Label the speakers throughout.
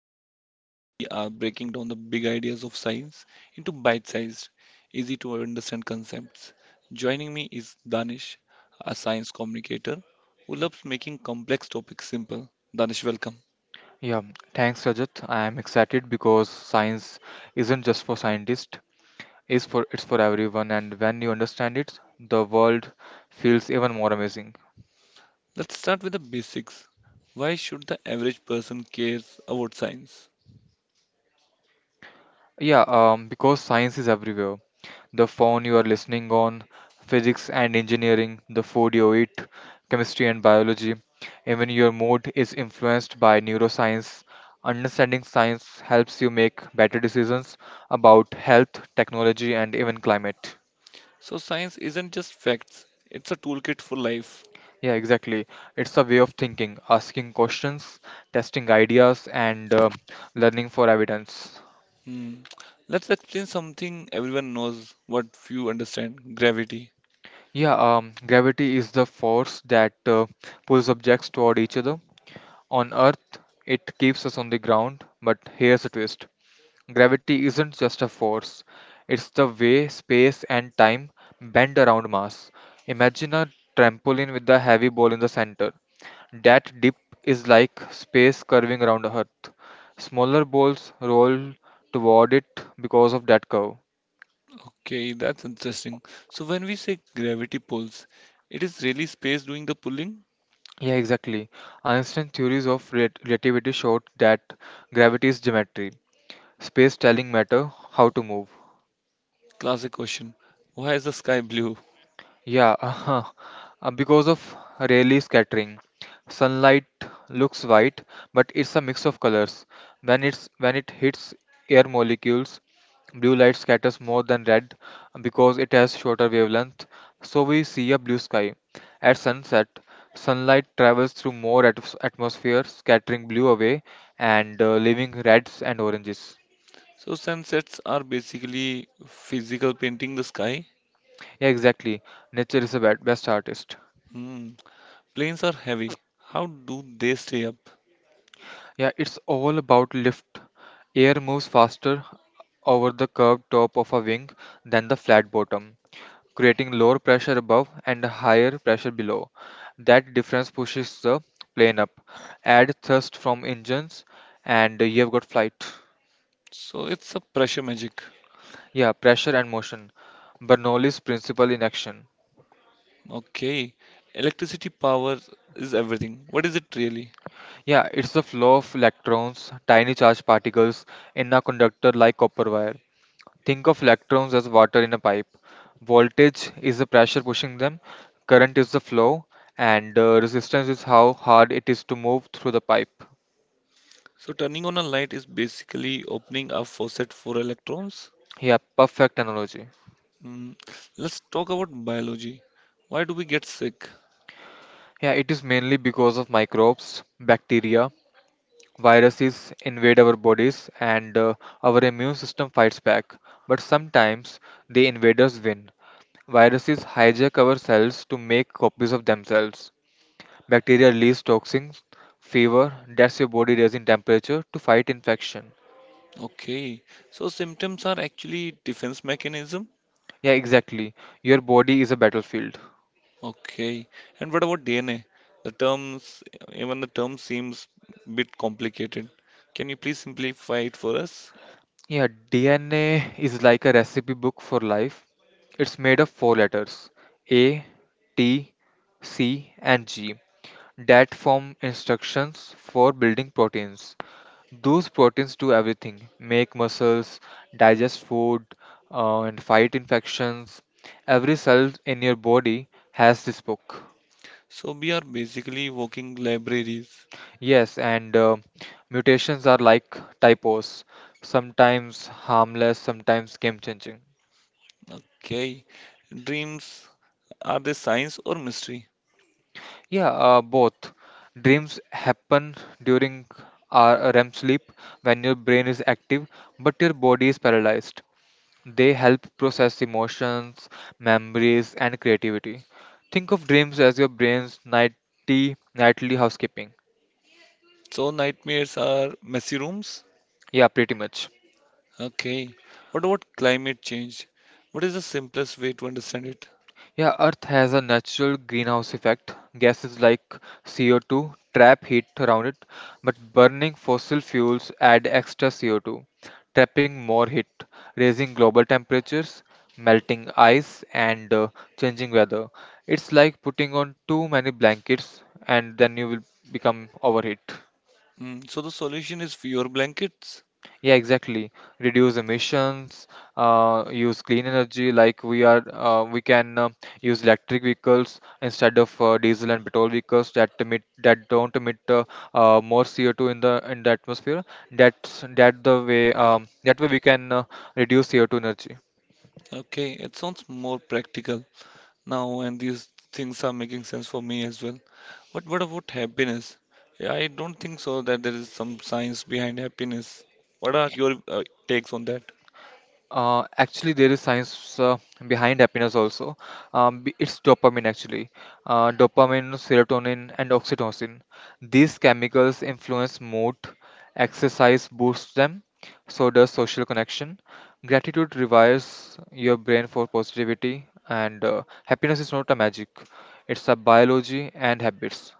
Speaker 1: Rajat, and today we are breaking down the big ideas of science into bite sized, easy to understand concepts. Joining me is Danish, a science communicator who loves making complex topics simple. Danish, welcome.
Speaker 2: Yeah, thanks Rajat. I am excited because science isn't just for scientists, it's for everyone, and when you understand it, the world feels even more amazing.
Speaker 1: Let's start with the basics. Why should the average person care about science?
Speaker 2: Yeah, because science is everywhere. The phone you are listening on, physics and engineering; the food you eat, chemistry and biology. Even your mood is influenced by neuroscience. Understanding science helps you make better decisions about health, technology, and even climate.
Speaker 1: So, science isn't just facts, it's a toolkit for life.
Speaker 2: Yeah, exactly. It's a way of thinking, asking questions, testing ideas, and learning for evidence.
Speaker 1: Hmm. Let's explain something everyone knows, what few understand gravity.
Speaker 2: Yeah, Gravity is the force that pulls objects toward each other. On Earth, it keeps us on the ground, but here's a twist. Gravity isn't just a force, it's the way space and time bend around mass. Imagine a trampoline with a heavy ball in the center. That dip is like space curving around the Earth. Smaller balls roll toward it because of that curve.
Speaker 1: Okay, that's interesting. So when we say gravity pulls, it is really space doing the pulling?
Speaker 2: Yeah, exactly. Einstein's theories of relativity showed that gravity is geometry, space telling matter how to move.
Speaker 1: Classic question. Why is the sky blue?
Speaker 2: Yeah, uh-huh. Because of Rayleigh scattering, sunlight looks white, but it's a mix of colors. When it hits air molecules, blue light scatters more than red because it has shorter wavelength, so we see a blue sky. At sunset, sunlight travels through more atmosphere, scattering blue away and leaving reds and oranges.
Speaker 1: So sunsets are basically physical painting the sky.
Speaker 2: Yeah, exactly. Nature is the best artist.
Speaker 1: Hmm. Planes are heavy. How do they stay up?
Speaker 2: Yeah, it's all about lift. Air moves faster over the curved top of a wing than the flat bottom, creating lower pressure above and higher pressure below. That difference pushes the plane up. Add thrust from engines, and you've got flight.
Speaker 1: So it's a pressure magic.
Speaker 2: Yeah, pressure and motion. Bernoulli's principle in action.
Speaker 1: Okay. Electricity power is everything. What is it really?
Speaker 2: Yeah, it's the flow of electrons, tiny charged particles in a conductor like copper wire. Think of electrons as water in a pipe. Voltage is the pressure pushing them, current is the flow, and resistance is how hard it is to move through the pipe.
Speaker 1: So turning on a light is basically opening a faucet for electrons.
Speaker 2: Yeah, perfect analogy.
Speaker 1: Mm, let's talk about biology. Why do we get sick?
Speaker 2: Yeah, it is mainly because of microbes: bacteria, viruses invade our bodies, and our immune system fights back. But sometimes the invaders win. Viruses hijack our cells to make copies of themselves. Bacteria release toxins. Fever, that's your body raising temperature to fight infection.
Speaker 1: Okay, so symptoms are actually defense mechanism.
Speaker 2: Yeah, exactly. Your body is a battlefield.
Speaker 1: Okay, and what about DNA? The terms, even the term seems bit complicated. Can you please simplify it for us?
Speaker 2: Yeah, DNA is like a recipe book for life. It's made of 4 letters, A, T, C, and G, that form instructions for building proteins. Those proteins do everything: make muscles, digest food, and fight infections. Every cell in your body has this book.
Speaker 1: So we are basically walking libraries.
Speaker 2: Yes, and mutations are like typos, sometimes harmless, sometimes game changing.
Speaker 1: Okay, dreams are they science or mystery?
Speaker 2: Yeah, both. Dreams happen during our REM sleep when your brain is active but your body is paralyzed. They help process emotions, memories, and creativity. Think of dreams as your brain's nighty, nightly housekeeping.
Speaker 1: So nightmares are messy rooms.
Speaker 2: Yeah, pretty much.
Speaker 1: Okay. What about climate change? What is the simplest way to understand it?
Speaker 2: Yeah, Earth has a natural greenhouse effect. Gases like CO2 trap heat around it, but burning fossil fuels add extra CO2, trapping more heat, raising global temperatures, melting ice, and changing weather. It's like putting on too many blankets, and then you will become overheat.
Speaker 1: Mm, so the solution is fewer blankets.
Speaker 2: Yeah, exactly. Reduce emissions, use clean energy. Like we can use electric vehicles instead of diesel and petrol vehicles that emit that don't emit more CO2 in the atmosphere. That's that the way that way we can reduce CO2 energy.
Speaker 1: Okay, it sounds more practical now, and these things are making sense for me as well. But what about happiness? Yeah, I don't think so that there is some science behind happiness. What are your takes on that?
Speaker 2: Actually, there is science behind happiness also. It's dopamine actually. Dopamine, serotonin, and oxytocin. These chemicals influence mood. Exercise boosts them. So does social connection. Gratitude revives your brain for positivity. And happiness is not a magic. It's a biology and habits.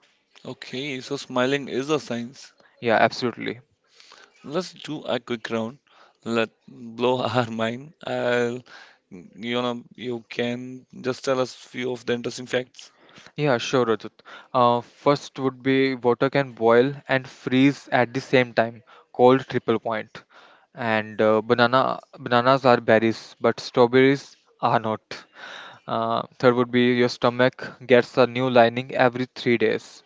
Speaker 1: Okay, so smiling is a science.
Speaker 2: Yeah, absolutely.
Speaker 1: Let's do a quick round. Let blow our mind. You can just tell us few of the interesting facts.
Speaker 2: Yeah, sure, Rajat. First would be water can boil and freeze at the same time, called triple point. And bananas are berries, but strawberries are not. Third would be your stomach gets a new lining every three days.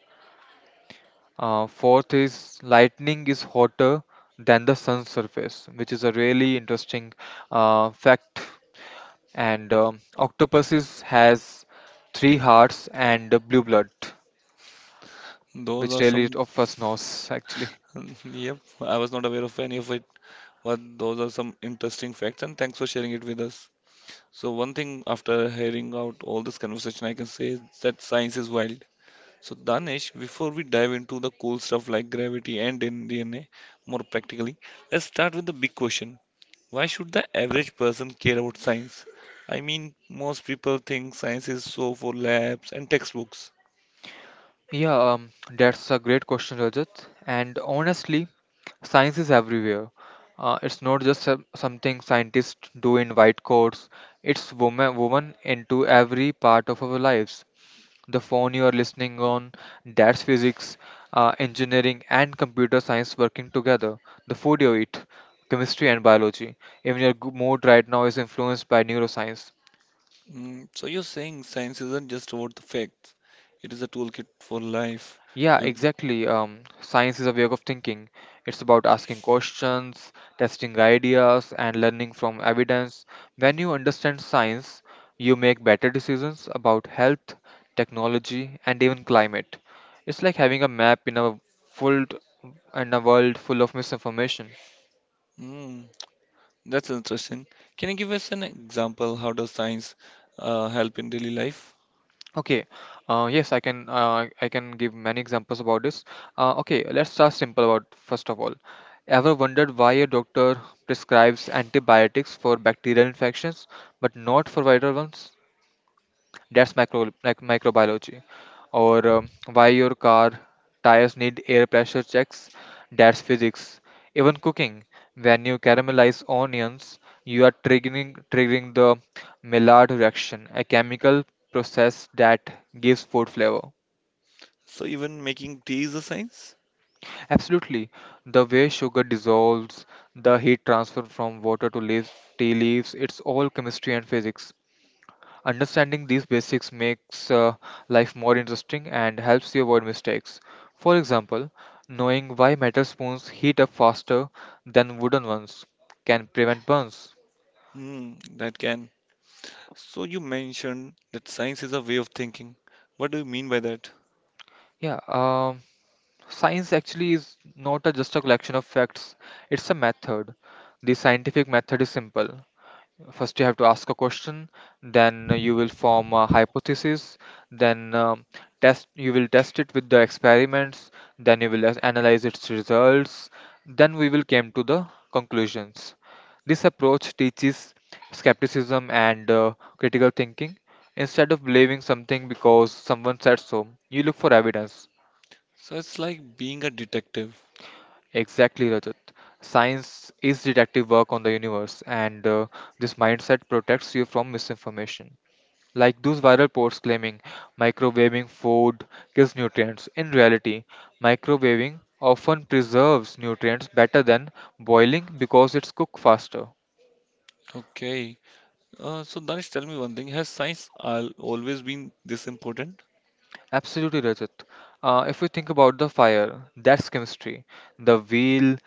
Speaker 2: Fourth is lightning is hotter than the sun's surface, which is a really interesting fact. And octopuses has 3 hearts and blue blood.
Speaker 1: Those
Speaker 2: Which
Speaker 1: are
Speaker 2: really
Speaker 1: some.
Speaker 2: offers knows actually.
Speaker 1: Yep, I was not aware of any of it, but those are some interesting facts, and thanks for sharing it with us. So one thing after hearing out all this conversation, I can say is that science is wild. So Danish, before we dive into the cool stuff like gravity and in DNA, more practically, let's start with the big question. Why should the average person care about science? I mean, most people think science is so for labs and textbooks.
Speaker 2: Yeah, that's a great question, Rajat. And honestly, science is everywhere. It's not just something scientists do in white coats. It's woman woven into every part of our lives. The phone you are listening on, that's physics, engineering, and computer science working together. The food you eat, chemistry and biology. Even your mood right now is influenced by neuroscience.
Speaker 1: Mm, so you're saying science isn't just about the facts, it is a toolkit for life.
Speaker 2: Yeah,
Speaker 1: You,
Speaker 2: exactly. Science is a way of thinking. It's about asking questions, testing ideas, and learning from evidence. When you understand science, you make better decisions about health, technology, and even climate. It's like having a map in world a world full of misinformation.
Speaker 1: mm, that's interesting. Can you give us an example? How does science help in daily life?
Speaker 2: Okay, yes, I can. I can give many examples about this. Okay, let's start simple about first of all. Ever wondered why a doctor prescribes antibiotics for bacterial infections but not for viral ones? That's micro, like microbiology. Or why your car tires need air pressure checks. That's physics. Even cooking, when you caramelize onions, you are triggering the Maillard reaction, a chemical process that gives food flavor.
Speaker 1: So even making tea is a science?
Speaker 2: Absolutely. The way sugar dissolves, the heat transfer from water to leaves, tea leaves, it's all chemistry and physics. Understanding these basics makes life more interesting and helps you avoid mistakes. For example, knowing why metal spoons heat up faster than wooden ones can prevent burns.
Speaker 1: Hmm, that can. So you mentioned that science is a way of thinking. What do you mean by that?
Speaker 2: Yeah, um, Science actually is not a, just a collection of facts, it's a method. The scientific method is simple. First, you have to ask a question, then you will form a hypothesis, then test. You will test it with the experiments, then you will analyze its results. Then we will came to the conclusions. This approach teaches skepticism and critical thinking. Instead of believing something because someone said so, you look for evidence.
Speaker 1: So it's like being a detective.
Speaker 2: Exactly, Rajat. Science is detective work on the universe, and this mindset protects you from misinformation. Like those viral posts claiming microwaving food kills nutrients. In reality, microwaving often preserves nutrients better than boiling because it's cooked faster.
Speaker 1: Okay. So Danish, tell me one thing. Has science al always been this important?
Speaker 2: Absolutely, Rajat. If we think about the fire, that's chemistry. The wheel,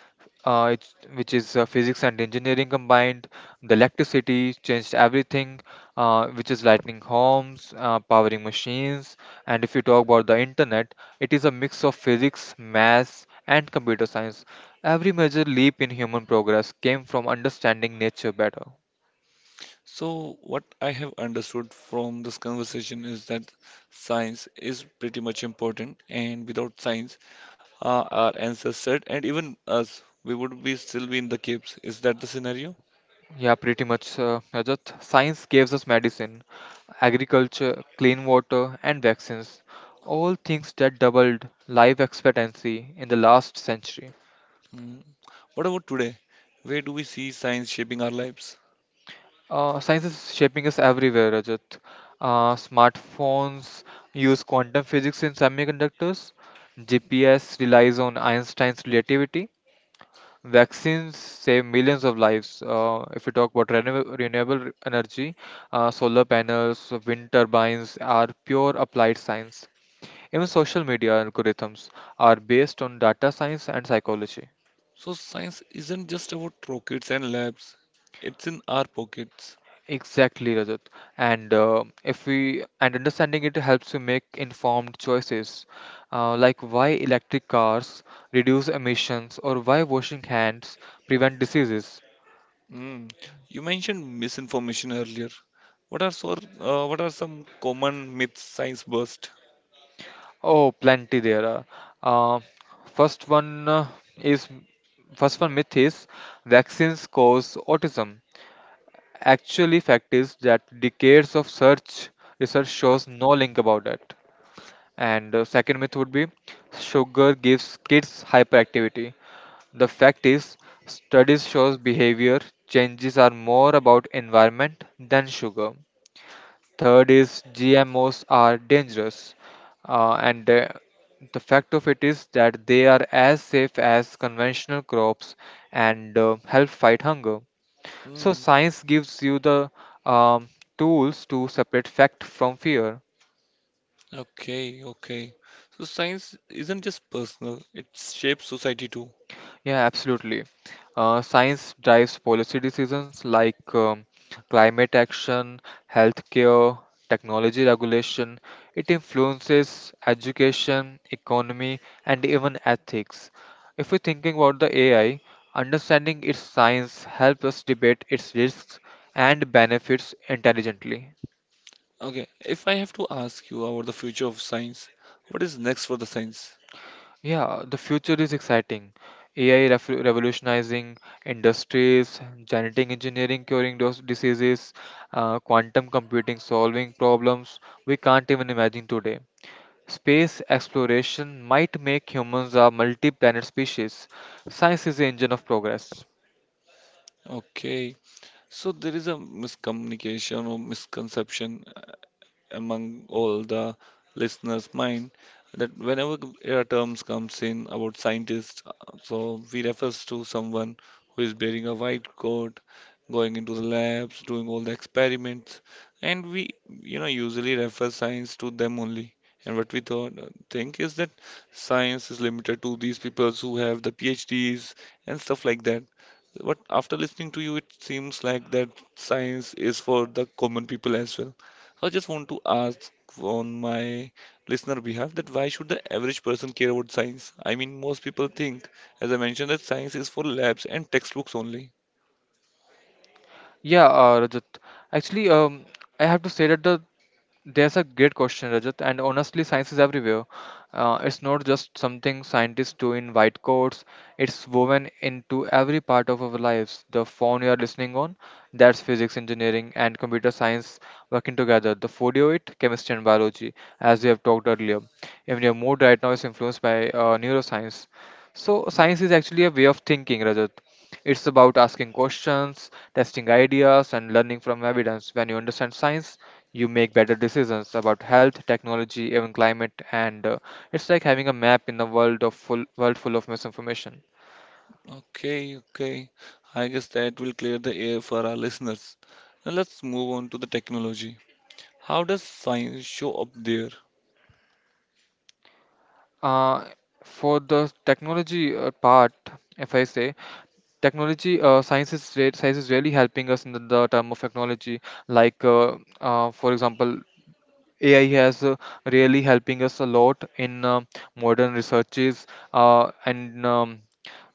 Speaker 2: which is physics and engineering combined. The electricity changed everything, which is lighting homes, powering machines. And if you talk about the internet, it is a mix of physics, maths, and computer science. Every major leap in human progress came from understanding nature better.
Speaker 1: So what I have understood from this conversation is that science is pretty much important, and without science, our ancestors and even us, we would be still be in the caves. Is that the scenario?
Speaker 2: Yeah, pretty much. Rajat, science gives us medicine, agriculture, clean water, and vaccines. All things that doubled life expectancy in the last century.
Speaker 1: Mm. What about today? Where do we see science shaping our lives?
Speaker 2: Science is shaping us everywhere, Rajat. Smartphones use quantum physics in semiconductors. GPS relies on Einstein's relativity. Vaccines save millions of lives. If we talk about renewable energy, solar panels, wind turbines are pure applied science. Even social media algorithms are based on data science and psychology.
Speaker 1: So science isn't just about rockets and labs. It's in our pockets.
Speaker 2: Exactly, Rajat. And if we and understanding it helps you make informed choices, like why electric cars reduce emissions or why washing hands prevent diseases.
Speaker 1: Mm. You mentioned misinformation earlier. What are some common myths science burst?
Speaker 2: Oh, plenty there are. Uh, first one uh, is First one myth is vaccines cause autism. Actually, fact is that decades of search research shows no link about that. And second myth would be sugar gives kids hyperactivity. The fact is studies shows behavior changes are more about environment than sugar. Third is GMOs are dangerous, uh, and the, the fact of it is that they are as safe as conventional crops and help fight hunger. So
Speaker 1: Mm.
Speaker 2: science gives you the um, tools to separate fact from fear.
Speaker 1: Okay, okay. So science isn't just personal, it shapes society too.
Speaker 2: Yeah, absolutely. Science drives policy decisions like climate action, healthcare, technology regulation. It influences education, economy, and even ethics. If we're thinking about the AI, understanding its science helps us debate its risks and benefits intelligently.
Speaker 1: Okay, if I have to ask you about the future of science, what is next for the science?
Speaker 2: Yeah, the future is exciting. AI revolutionizing industries, genetic engineering curing those diseases, quantum computing solving problems we can't even imagine today. Space exploration might make humans a multi planet species. Science is the engine of progress.
Speaker 1: Okay, so there is a miscommunication or misconception among all the listeners' mind that whenever air terms comes in about scientists, so we refers to someone who is wearing a white coat, going into the labs, doing all the experiments, and we, you know, usually refer science to them only. And what we thought, think is that science is limited to these people who have the PhDs and stuff like that. But after listening to you, it seems like that science is for the common people as well. So I just want to ask on my listener behalf that why should the average person care about science? I mean, most people think, as I mentioned, that science is for labs and textbooks only.
Speaker 2: Yeah, Rajat, actually, I have to say that the there's a great question, Rajat. And honestly, science is everywhere. It's not just something scientists do in white coats, it's woven into every part of our lives. The phone you are listening on, that's physics, engineering, and computer science working together. The food you eat, chemistry and biology, as we have talked earlier. Even your mood right now is influenced by neuroscience. So,
Speaker 1: Mm.
Speaker 2: science is actually a way of thinking, Rajat. It's about asking questions, testing ideas, and learning from evidence. When you understand science, you make better decisions about health, technology, even climate, and it's like having a map in a world full of misinformation.
Speaker 1: Okay, okay. I guess that will clear the air for our listeners. Now let's move on to the technology. How does science show up there?
Speaker 2: Uh, for the technology part, if I say technology, science is really helping us in the term of technology. Like, for example, AI has really helping us a lot in modern researches and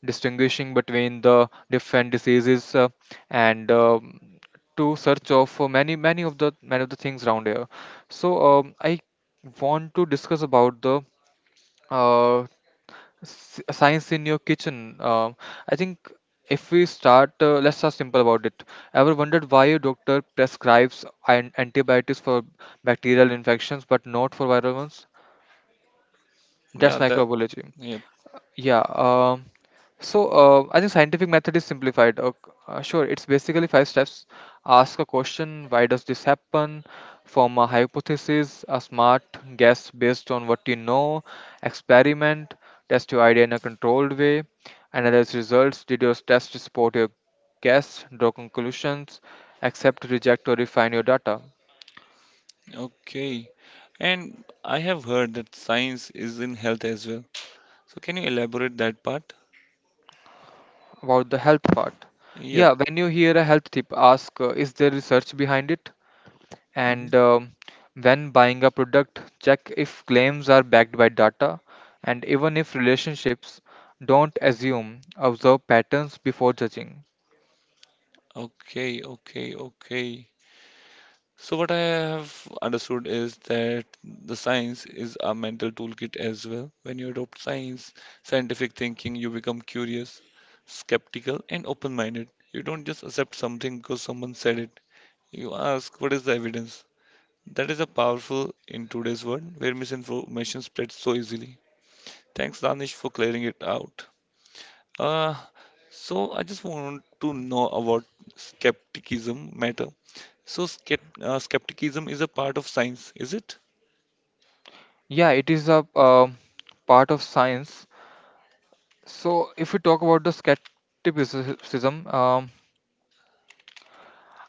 Speaker 2: distinguishing between the different diseases and to search of many of the things around here. So, I want to discuss about the uh, science in your kitchen. um, I think if we start let's start simple about it. Ever wondered why a doctor prescribes an antibiotics for bacterial infections but not for viral ones? That's
Speaker 1: Yeah, that.
Speaker 2: microbiology.
Speaker 1: Yep.
Speaker 2: Yeah. So, I think scientific method is simplified. Sure, it's basically 5 steps. Ask a question. Why does this happen? Form a hypothesis, a smart guess based on what you know. Experiment. Test your idea in a controlled way. Analyze results. Did your test support your guess? Draw conclusions. Accept, reject, or refine your data.
Speaker 1: Okay. And I have heard that science is in health as well. So can you elaborate that part?
Speaker 2: About the health part.
Speaker 1: Yep.
Speaker 2: Yeah, when you hear a health tip, ask, is there research behind it? And
Speaker 1: Mm-hmm.
Speaker 2: um, when buying a product, check if claims are backed by data, and even if relationships, don't assume, observe patterns before judging.
Speaker 1: Okay, okay, okay. So what I have understood is that the science is a mental toolkit as well. When you adopt science, scientific thinking, you become curious, skeptical, and open-minded. You don't just accept something because someone said it. You ask, what is the evidence? That is a powerful in today's world where misinformation spreads so easily. Thanks, Danish, for clearing it out. Uh, so I just want to know about skepticism matter. So skepticism is a part of science, is it?
Speaker 2: Yeah, it is a part of science. So, if we talk about the skepticism,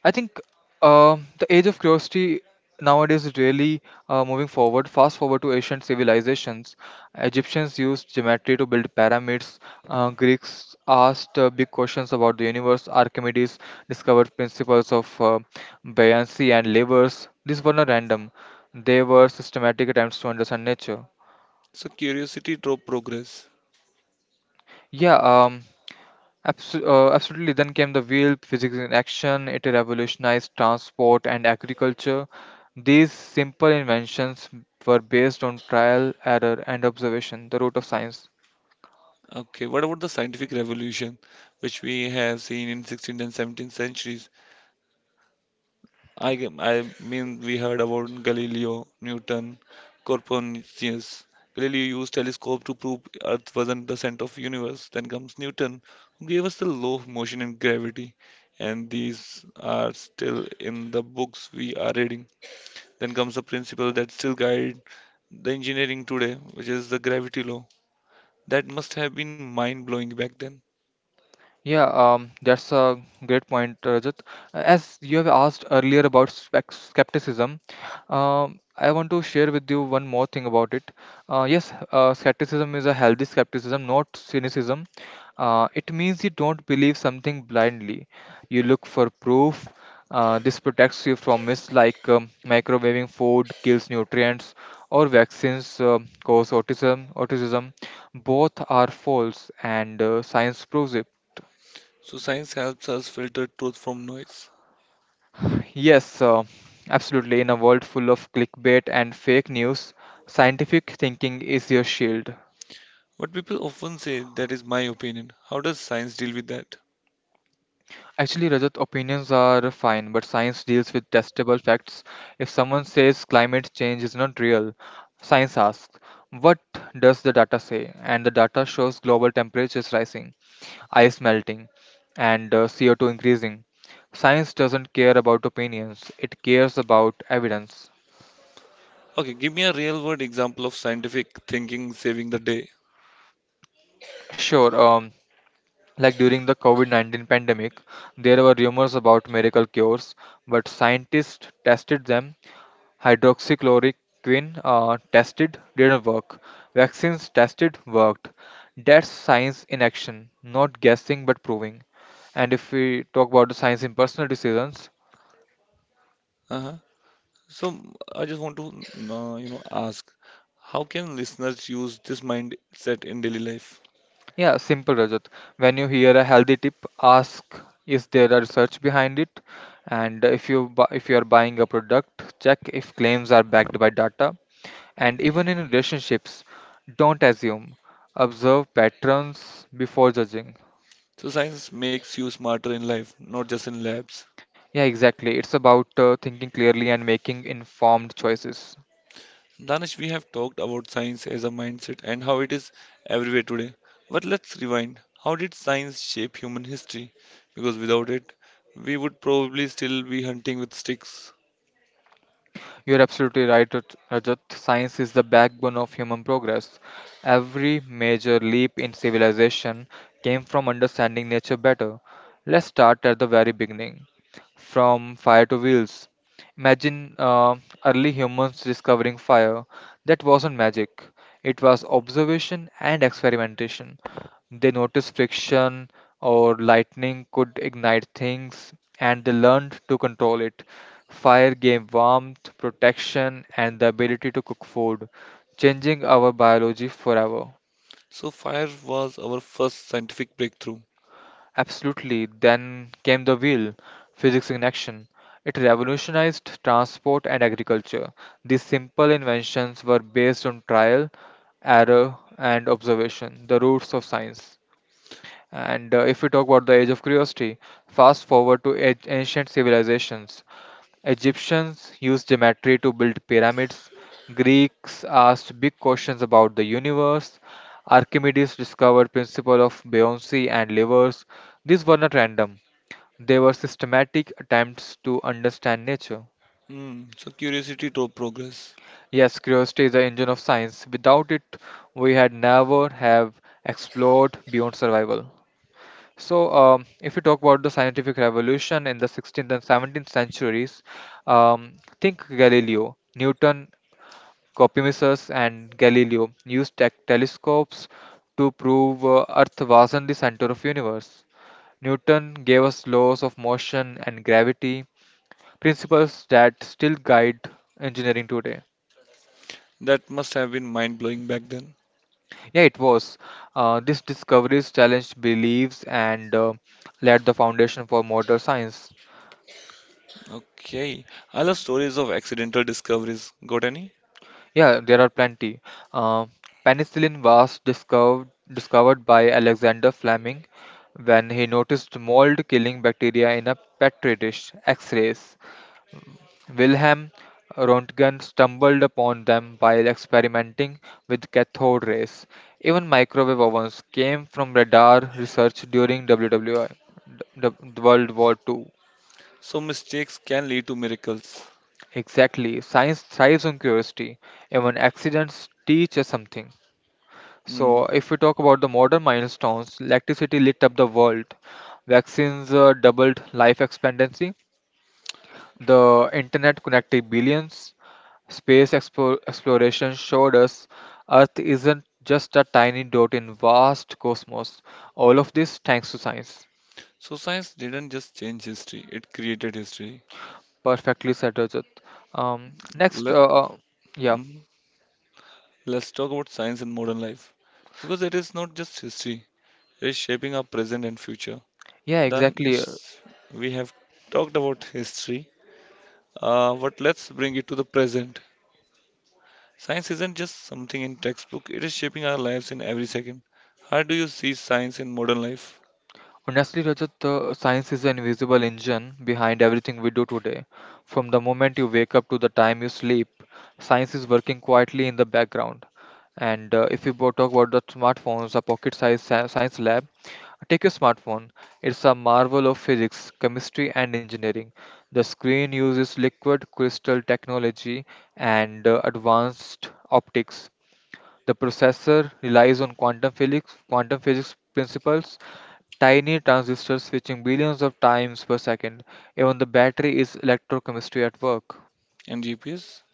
Speaker 2: I think the age of curiosity nowadays is really moving forward. Fast forward to ancient civilizations. Egyptians used geometry to build pyramids. Greeks asked big questions about the universe. Archimedes discovered principles of buoyancy and levers. These were not random, they were systematic attempts to understand nature.
Speaker 1: So curiosity drove progress.
Speaker 2: Yeah, um, Absolutely. Then came the wheel, physics in action. It revolutionized transport and agriculture. These simple inventions were based on trial, error, and observation, the root of science.
Speaker 1: Okay, what about the scientific revolution, which we have seen in 16th and 17th centuries? I mean, we heard about Galileo, Newton, Copernicus. Galileo used telescope to prove Earth wasn't the center of universe. Then comes Newton, who gave us the law of motion and gravity, and these are still in the books we are reading. Then comes the principle that still guide the engineering today, which is the gravity law. That must have been mind blowing back then.
Speaker 2: Yeah, that's a great point, Rajat. As you have asked earlier about skepticism, I want to share with you one more thing about it. Yes, skepticism is a healthy skepticism, not cynicism. It means you don't believe something blindly. You look for proof. This protects you from myths like microwaving food kills nutrients or vaccines cause autism. Autism, both are false, and science proves it.
Speaker 1: So science helps us filter truth from noise.
Speaker 2: Yes, uh, Absolutely. In a world full of clickbait and fake news, scientific thinking is your shield.
Speaker 1: What people often say that is my opinion. How does science deal with that?
Speaker 2: Actually, Rajat, opinions are fine, but science deals with testable facts. If someone says climate change is not real, science asks, what does the data say? And the data shows global temperatures rising, ice melting, and CO2 increasing. Science doesn't care about opinions, it cares about evidence.
Speaker 1: Okay, give me a real world example of scientific thinking saving the day.
Speaker 2: Sure. Like during the COVID-19 pandemic, there were rumors about miracle cures, but scientists tested them. Hydroxychloroquine tested didn't work. Vaccines tested worked. That's science in action, not guessing but proving. And if we talk about the science in personal decisions,
Speaker 1: Uh-huh. So I just want to you know ask, how can listeners use this mindset in daily life?
Speaker 2: yeah, simple Rajat. When you hear a healthy tip, ask, is there a research behind it? And if you are buying a product, check if claims are backed by data. And even in relationships, don't assume, observe patterns before judging.
Speaker 1: So science makes you smarter in life, not just in labs.
Speaker 2: Yeah, exactly. It's about thinking clearly and making informed choices.
Speaker 1: Danish, we have talked about science as a mindset and how it is everywhere today. But let's rewind. How did science shape human history? Because without it, we would probably still be hunting with sticks.
Speaker 2: You're absolutely right, Rajat. Science is the backbone of human progress. Every major leap in civilization came from understanding nature better. Let's start at the very beginning, from fire to wheels. Imagine early humans discovering fire. That wasn't magic, it was observation and experimentation. They noticed friction or lightning could ignite things and they learned to control it. Fire gave warmth, protection, and the ability to cook food, changing our biology forever.
Speaker 1: So, fire was our first scientific breakthrough.
Speaker 2: Absolutely. Then came the wheel, physics in action. It revolutionized transport and agriculture. These simple inventions were based on trial, error, and observation, the roots of science. And if we talk about the age of curiosity, fast forward to ancient civilizations. Egyptians used geometry to build pyramids. Greeks asked big questions about the universe. Archimedes discovered principle of buoyancy and levers. These were not random. They were systematic attempts to understand nature.
Speaker 1: Hmm, so, curiosity drove progress.
Speaker 2: Yes, curiosity is the engine of science. Without it, we had never have explored beyond survival. So, if you talk about the scientific revolution in the 16th and 17th centuries, think Galileo, Newton, Copernicus and Galileo used telescopes to prove Earth wasn't the center of universe. Newton gave us laws of motion and gravity, principles that still guide engineering today.
Speaker 1: That must have been mind blowing back then.
Speaker 2: Yeah, it was. These discoveries challenged beliefs and laid the foundation for modern science.
Speaker 1: Okay, I love stories of accidental discoveries. Got any?
Speaker 2: Yeah, there are plenty. Uh, Penicillin was discovered by Alexander Fleming when he noticed mold killing bacteria in a petri dish. X-rays. Wilhelm Röntgen stumbled upon them while experimenting with cathode rays. Even microwave ovens came from radar research during WWI, the World War II.
Speaker 1: So, mistakes can lead to miracles.
Speaker 2: Exactly, science thrives on curiosity. Even accidents teach us something.
Speaker 1: Hmm.
Speaker 2: So, if we talk about the modern milestones, electricity lit up the world, vaccines doubled life expectancy, the internet connected billions, space exploration showed us Earth isn't just a tiny dot in vast cosmos. All of this thanks to science.
Speaker 1: So, science didn't just change history, it created history.
Speaker 2: Perfectly said, Rajat. Um, next,
Speaker 1: Let
Speaker 2: uh, uh, yeah,
Speaker 1: mhm. let's talk about science in modern life because it is not just history; it is shaping our present and future.
Speaker 2: yeah,
Speaker 1: Done
Speaker 2: exactly.
Speaker 1: is we have talked about history, but let's bring it to the present. Science isn't just something in textbook; it is shaping our lives in every second. How do you see science in modern life
Speaker 2: Honestly, Rajat, the science is an invisible engine behind everything we do today. From the moment you wake up to the time you sleep, science is working quietly in the background. And if you bo- talk about the smartphones, a pocket-sized science lab, take your smartphone. It's a marvel of physics, chemistry, and engineering. The screen uses liquid crystal technology and advanced optics. The processor relies on quantum physics principles, tiny transistors switching billions of times per second. Even the battery is electrochemistry at work.
Speaker 1: and GPS?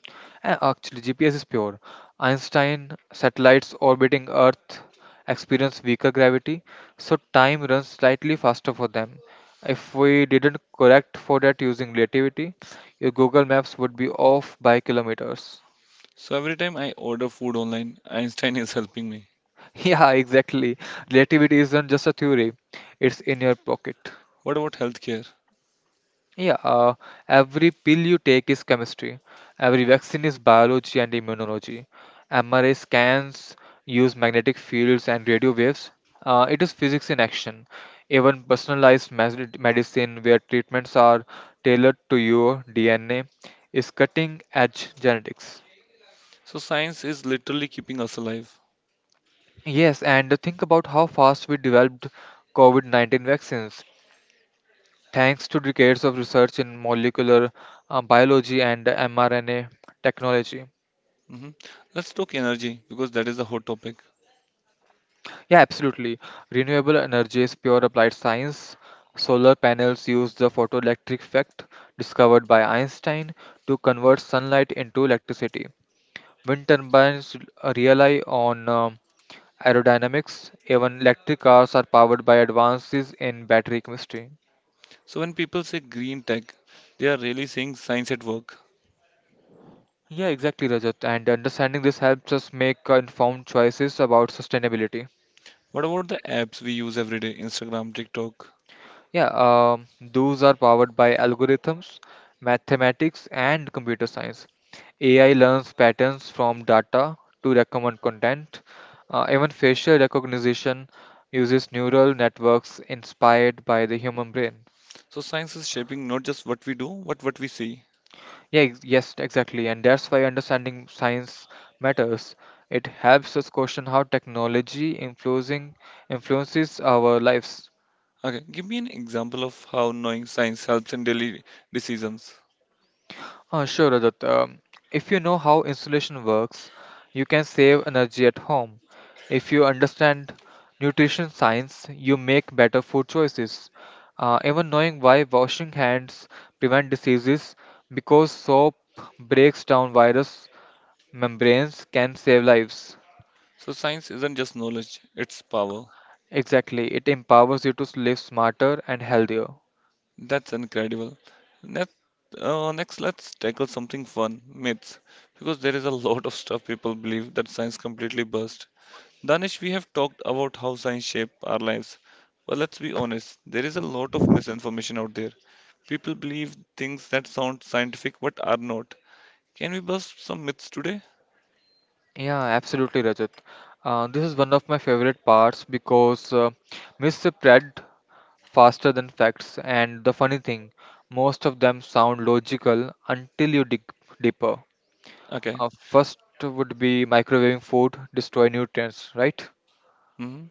Speaker 2: And actually, GPS is pure. Einstein satellites orbiting Earth experience weaker gravity, so time runs slightly faster for them. If we didn't correct for that using relativity, your Google Maps would be off by kilometers.
Speaker 1: So every time I order food online, Einstein is helping me.
Speaker 2: Yeah, exactly. Relativity isn't just a theory, it's in your pocket.
Speaker 1: What about healthcare?
Speaker 2: Yeah, uh, every pill you take is chemistry. Every vaccine is biology and immunology. MRI scans use magnetic fields and radio waves. It is physics in action. Even personalized medicine, where treatments are tailored to your DNA, is cutting edge genetics.
Speaker 1: So science is literally keeping us alive.
Speaker 2: Yes, and think about how fast we developed COVID-19 vaccines. Thanks to decades of research in molecular biology and mRNA technology.
Speaker 1: Hmm. Let's talk energy because that is a hot topic.
Speaker 2: Yeah, absolutely. Renewable energy is pure applied science. Solar panels use the photoelectric effect discovered by Einstein to convert sunlight into electricity. Wind turbines rely on aerodynamics. Even electric cars are powered by advances in battery chemistry.
Speaker 1: So when people say green tech, they are really saying science at work.
Speaker 2: Yeah, exactly, Rajat. And understanding this helps us make informed choices about sustainability.
Speaker 1: What about the apps we use every day, Instagram, TikTok?
Speaker 2: Yeah, those are powered by algorithms, mathematics, and computer science. AI learns patterns from data to recommend content. Even facial recognition uses neural networks inspired by the human brain.
Speaker 1: So science is shaping not just what we do, but what we see.
Speaker 2: Yes, exactly. And that's why understanding science matters. It helps us question how technology influencing influences our lives.
Speaker 1: Okay, give me an example of how knowing science helps in daily decisions.
Speaker 2: Sure, Rajat. If you know how insulation works, you can save energy at home. If you understand nutrition science, you make better food choices. Even knowing why washing hands prevent diseases because soap breaks down virus membranes can save lives.
Speaker 1: So science isn't just knowledge, it's power.
Speaker 2: Exactly, it empowers you to live smarter and healthier.
Speaker 1: That's incredible. Next, next let's tackle something fun, myths, because there is a lot of stuff people believe that science completely burst. Danish, we have talked about how science shape our lives, but let's be honest, there is a lot of misinformation out there. People believe things that sound scientific but are not. Can we bust some myths today?
Speaker 2: Yeah, absolutely, Rajat. This is one of my favorite parts because misread faster than facts, and the funny thing, most of them sound logical until you dig deeper.
Speaker 1: Okay.
Speaker 2: First would be microwaving food destroy nutrients, right?
Speaker 1: Hmm.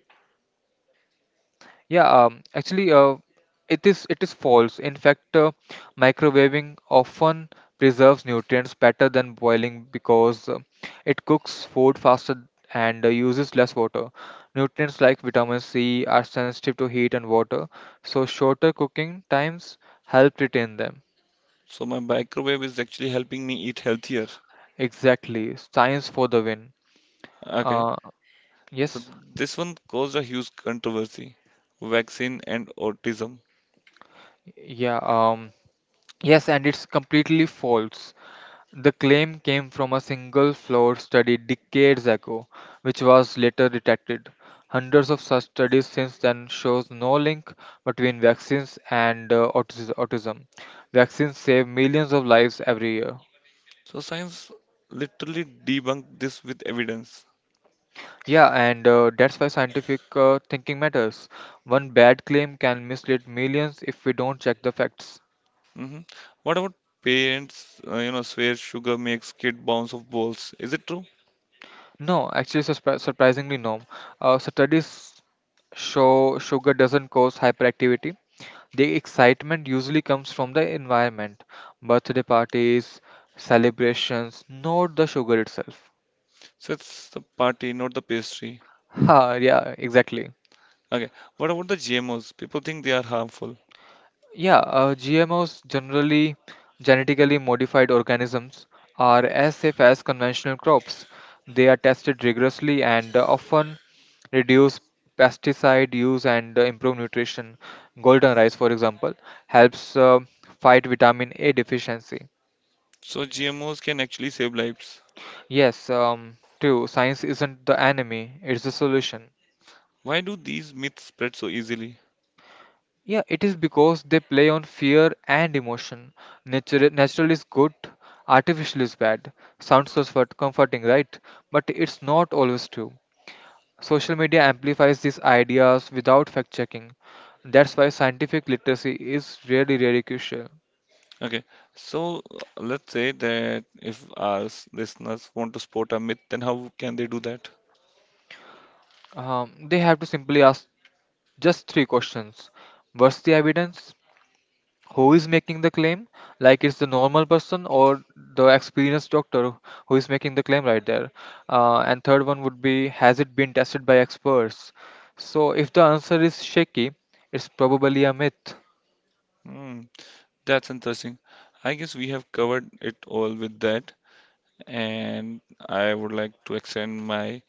Speaker 2: Yeah, actually, it is false. In fact, microwaving often preserves nutrients better than boiling because it cooks food faster and uses less water. Nutrients like vitamin C are sensitive to heat and water, so shorter cooking times help retain them.
Speaker 1: So my microwave is actually helping me eat healthier.
Speaker 2: Exactly, science for the win.
Speaker 1: Okay.
Speaker 2: Uh,
Speaker 1: So
Speaker 2: yes,
Speaker 1: this one caused a huge controversy. Vaccine and autism.
Speaker 2: yeah, um, yes, and it's completely false. The claim came from a single flower study decades ago, which was later detected. Hundreds of such studies since then shows no link between vaccines and autism. Vaccines save millions of lives every year.
Speaker 1: So science literally debunked this with evidence.
Speaker 2: Yeah, and that's why scientific thinking matters. One bad claim can mislead millions if we don't check the facts.
Speaker 1: Hmm. What about parents, you know, swear sugar makes kid bounce off balls? Is it true?
Speaker 2: No, actually, surprisingly, no. So studies show sugar doesn't cause hyperactivity. The excitement usually comes from the environment, birthday parties, celebrations, not the sugar itself.
Speaker 1: So it's the party, not the pastry.
Speaker 2: Ha, yeah, exactly.
Speaker 1: Okay. What about the GMOs? People think they are harmful.
Speaker 2: Yeah, GMOs, generally genetically modified organisms, are as safe as conventional crops. They are tested rigorously and often reduce pesticide use and improve nutrition. Golden rice, for example, helps fight vitamin A deficiency.
Speaker 1: So GMOs can actually save lives.
Speaker 2: Yes, true, science isn't the enemy, it's the solution.
Speaker 1: Why do these myths spread so easily?
Speaker 2: Yeah, it is because they play on fear and emotion. Nature, natural is good, artificial is bad. Sounds comforting, right? But it's not always true. Social media amplifies these ideas without fact checking. That's why scientific literacy is really, really crucial.
Speaker 1: Okay. So let's say that if our listeners want to spot a myth, then how can they do that?
Speaker 2: They have to simply ask just 3 questions. What's the evidence? Who is making the claim, like it's the normal person or the experienced doctor who is making the claim right there? And third one would be, has it been tested by experts? So if the answer is shaky, it's probably a myth.
Speaker 1: Hmm. That's interesting. I guess we have covered it all with that, and I would like to extend my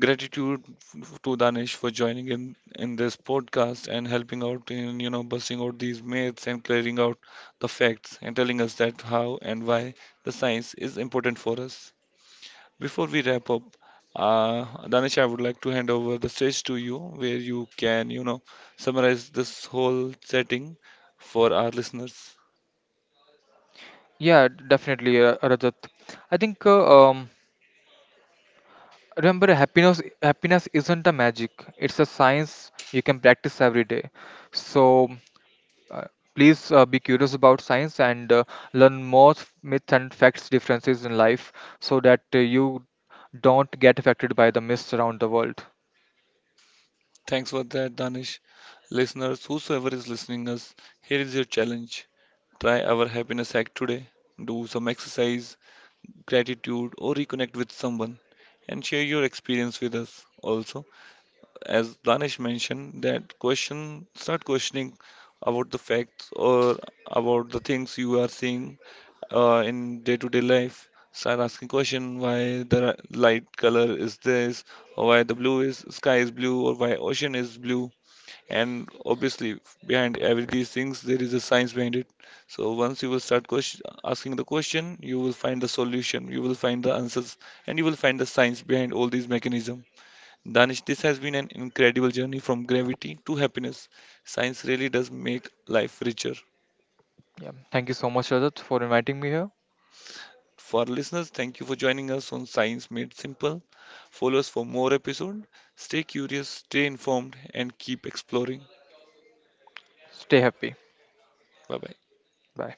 Speaker 1: gratitude to Danish for joining in this podcast and helping out in you know busting out these myths and clearing out the facts and telling us that how and why the science is important for us. Before we wrap up, Danish, I would like to hand over the stage to you where you can you know summarize this whole setting for our listeners.
Speaker 2: Yeah, definitely, Rajat. I think, um, remember, happiness isn't a magic, it's a science you can practice every day. So Uh, please, be curious about science and learn more myths and facts differences in life so that you don't get affected by the myths around the world.
Speaker 1: Thanks for that, Danish. Listeners, whosoever is listening us, here is your challenge. Try our happiness hack today. Do some exercise, gratitude, or reconnect with someone and share your experience with us. Also, as Danish mentioned, that question start questioning about the facts or about the things you are seeing in day-to-day life. Start asking question why the light color is this, or why the blue is sky is blue, or why ocean is blue and obviously behind every these things there is a science behind it so once you will start question, asking the question you will find the solution you will find the answers and you will find the science behind all these mechanisms. Danish, this has been an incredible journey from gravity to happiness. Science really does make life richer.
Speaker 2: Yeah. Thank you so much, Rajat, for inviting me here.
Speaker 1: For our listeners, thank you for joining us on Science Made Simple. Follow us for more episode. Stay curious, stay informed, and keep exploring.
Speaker 2: Stay happy.
Speaker 1: Bye bye.
Speaker 2: Bye.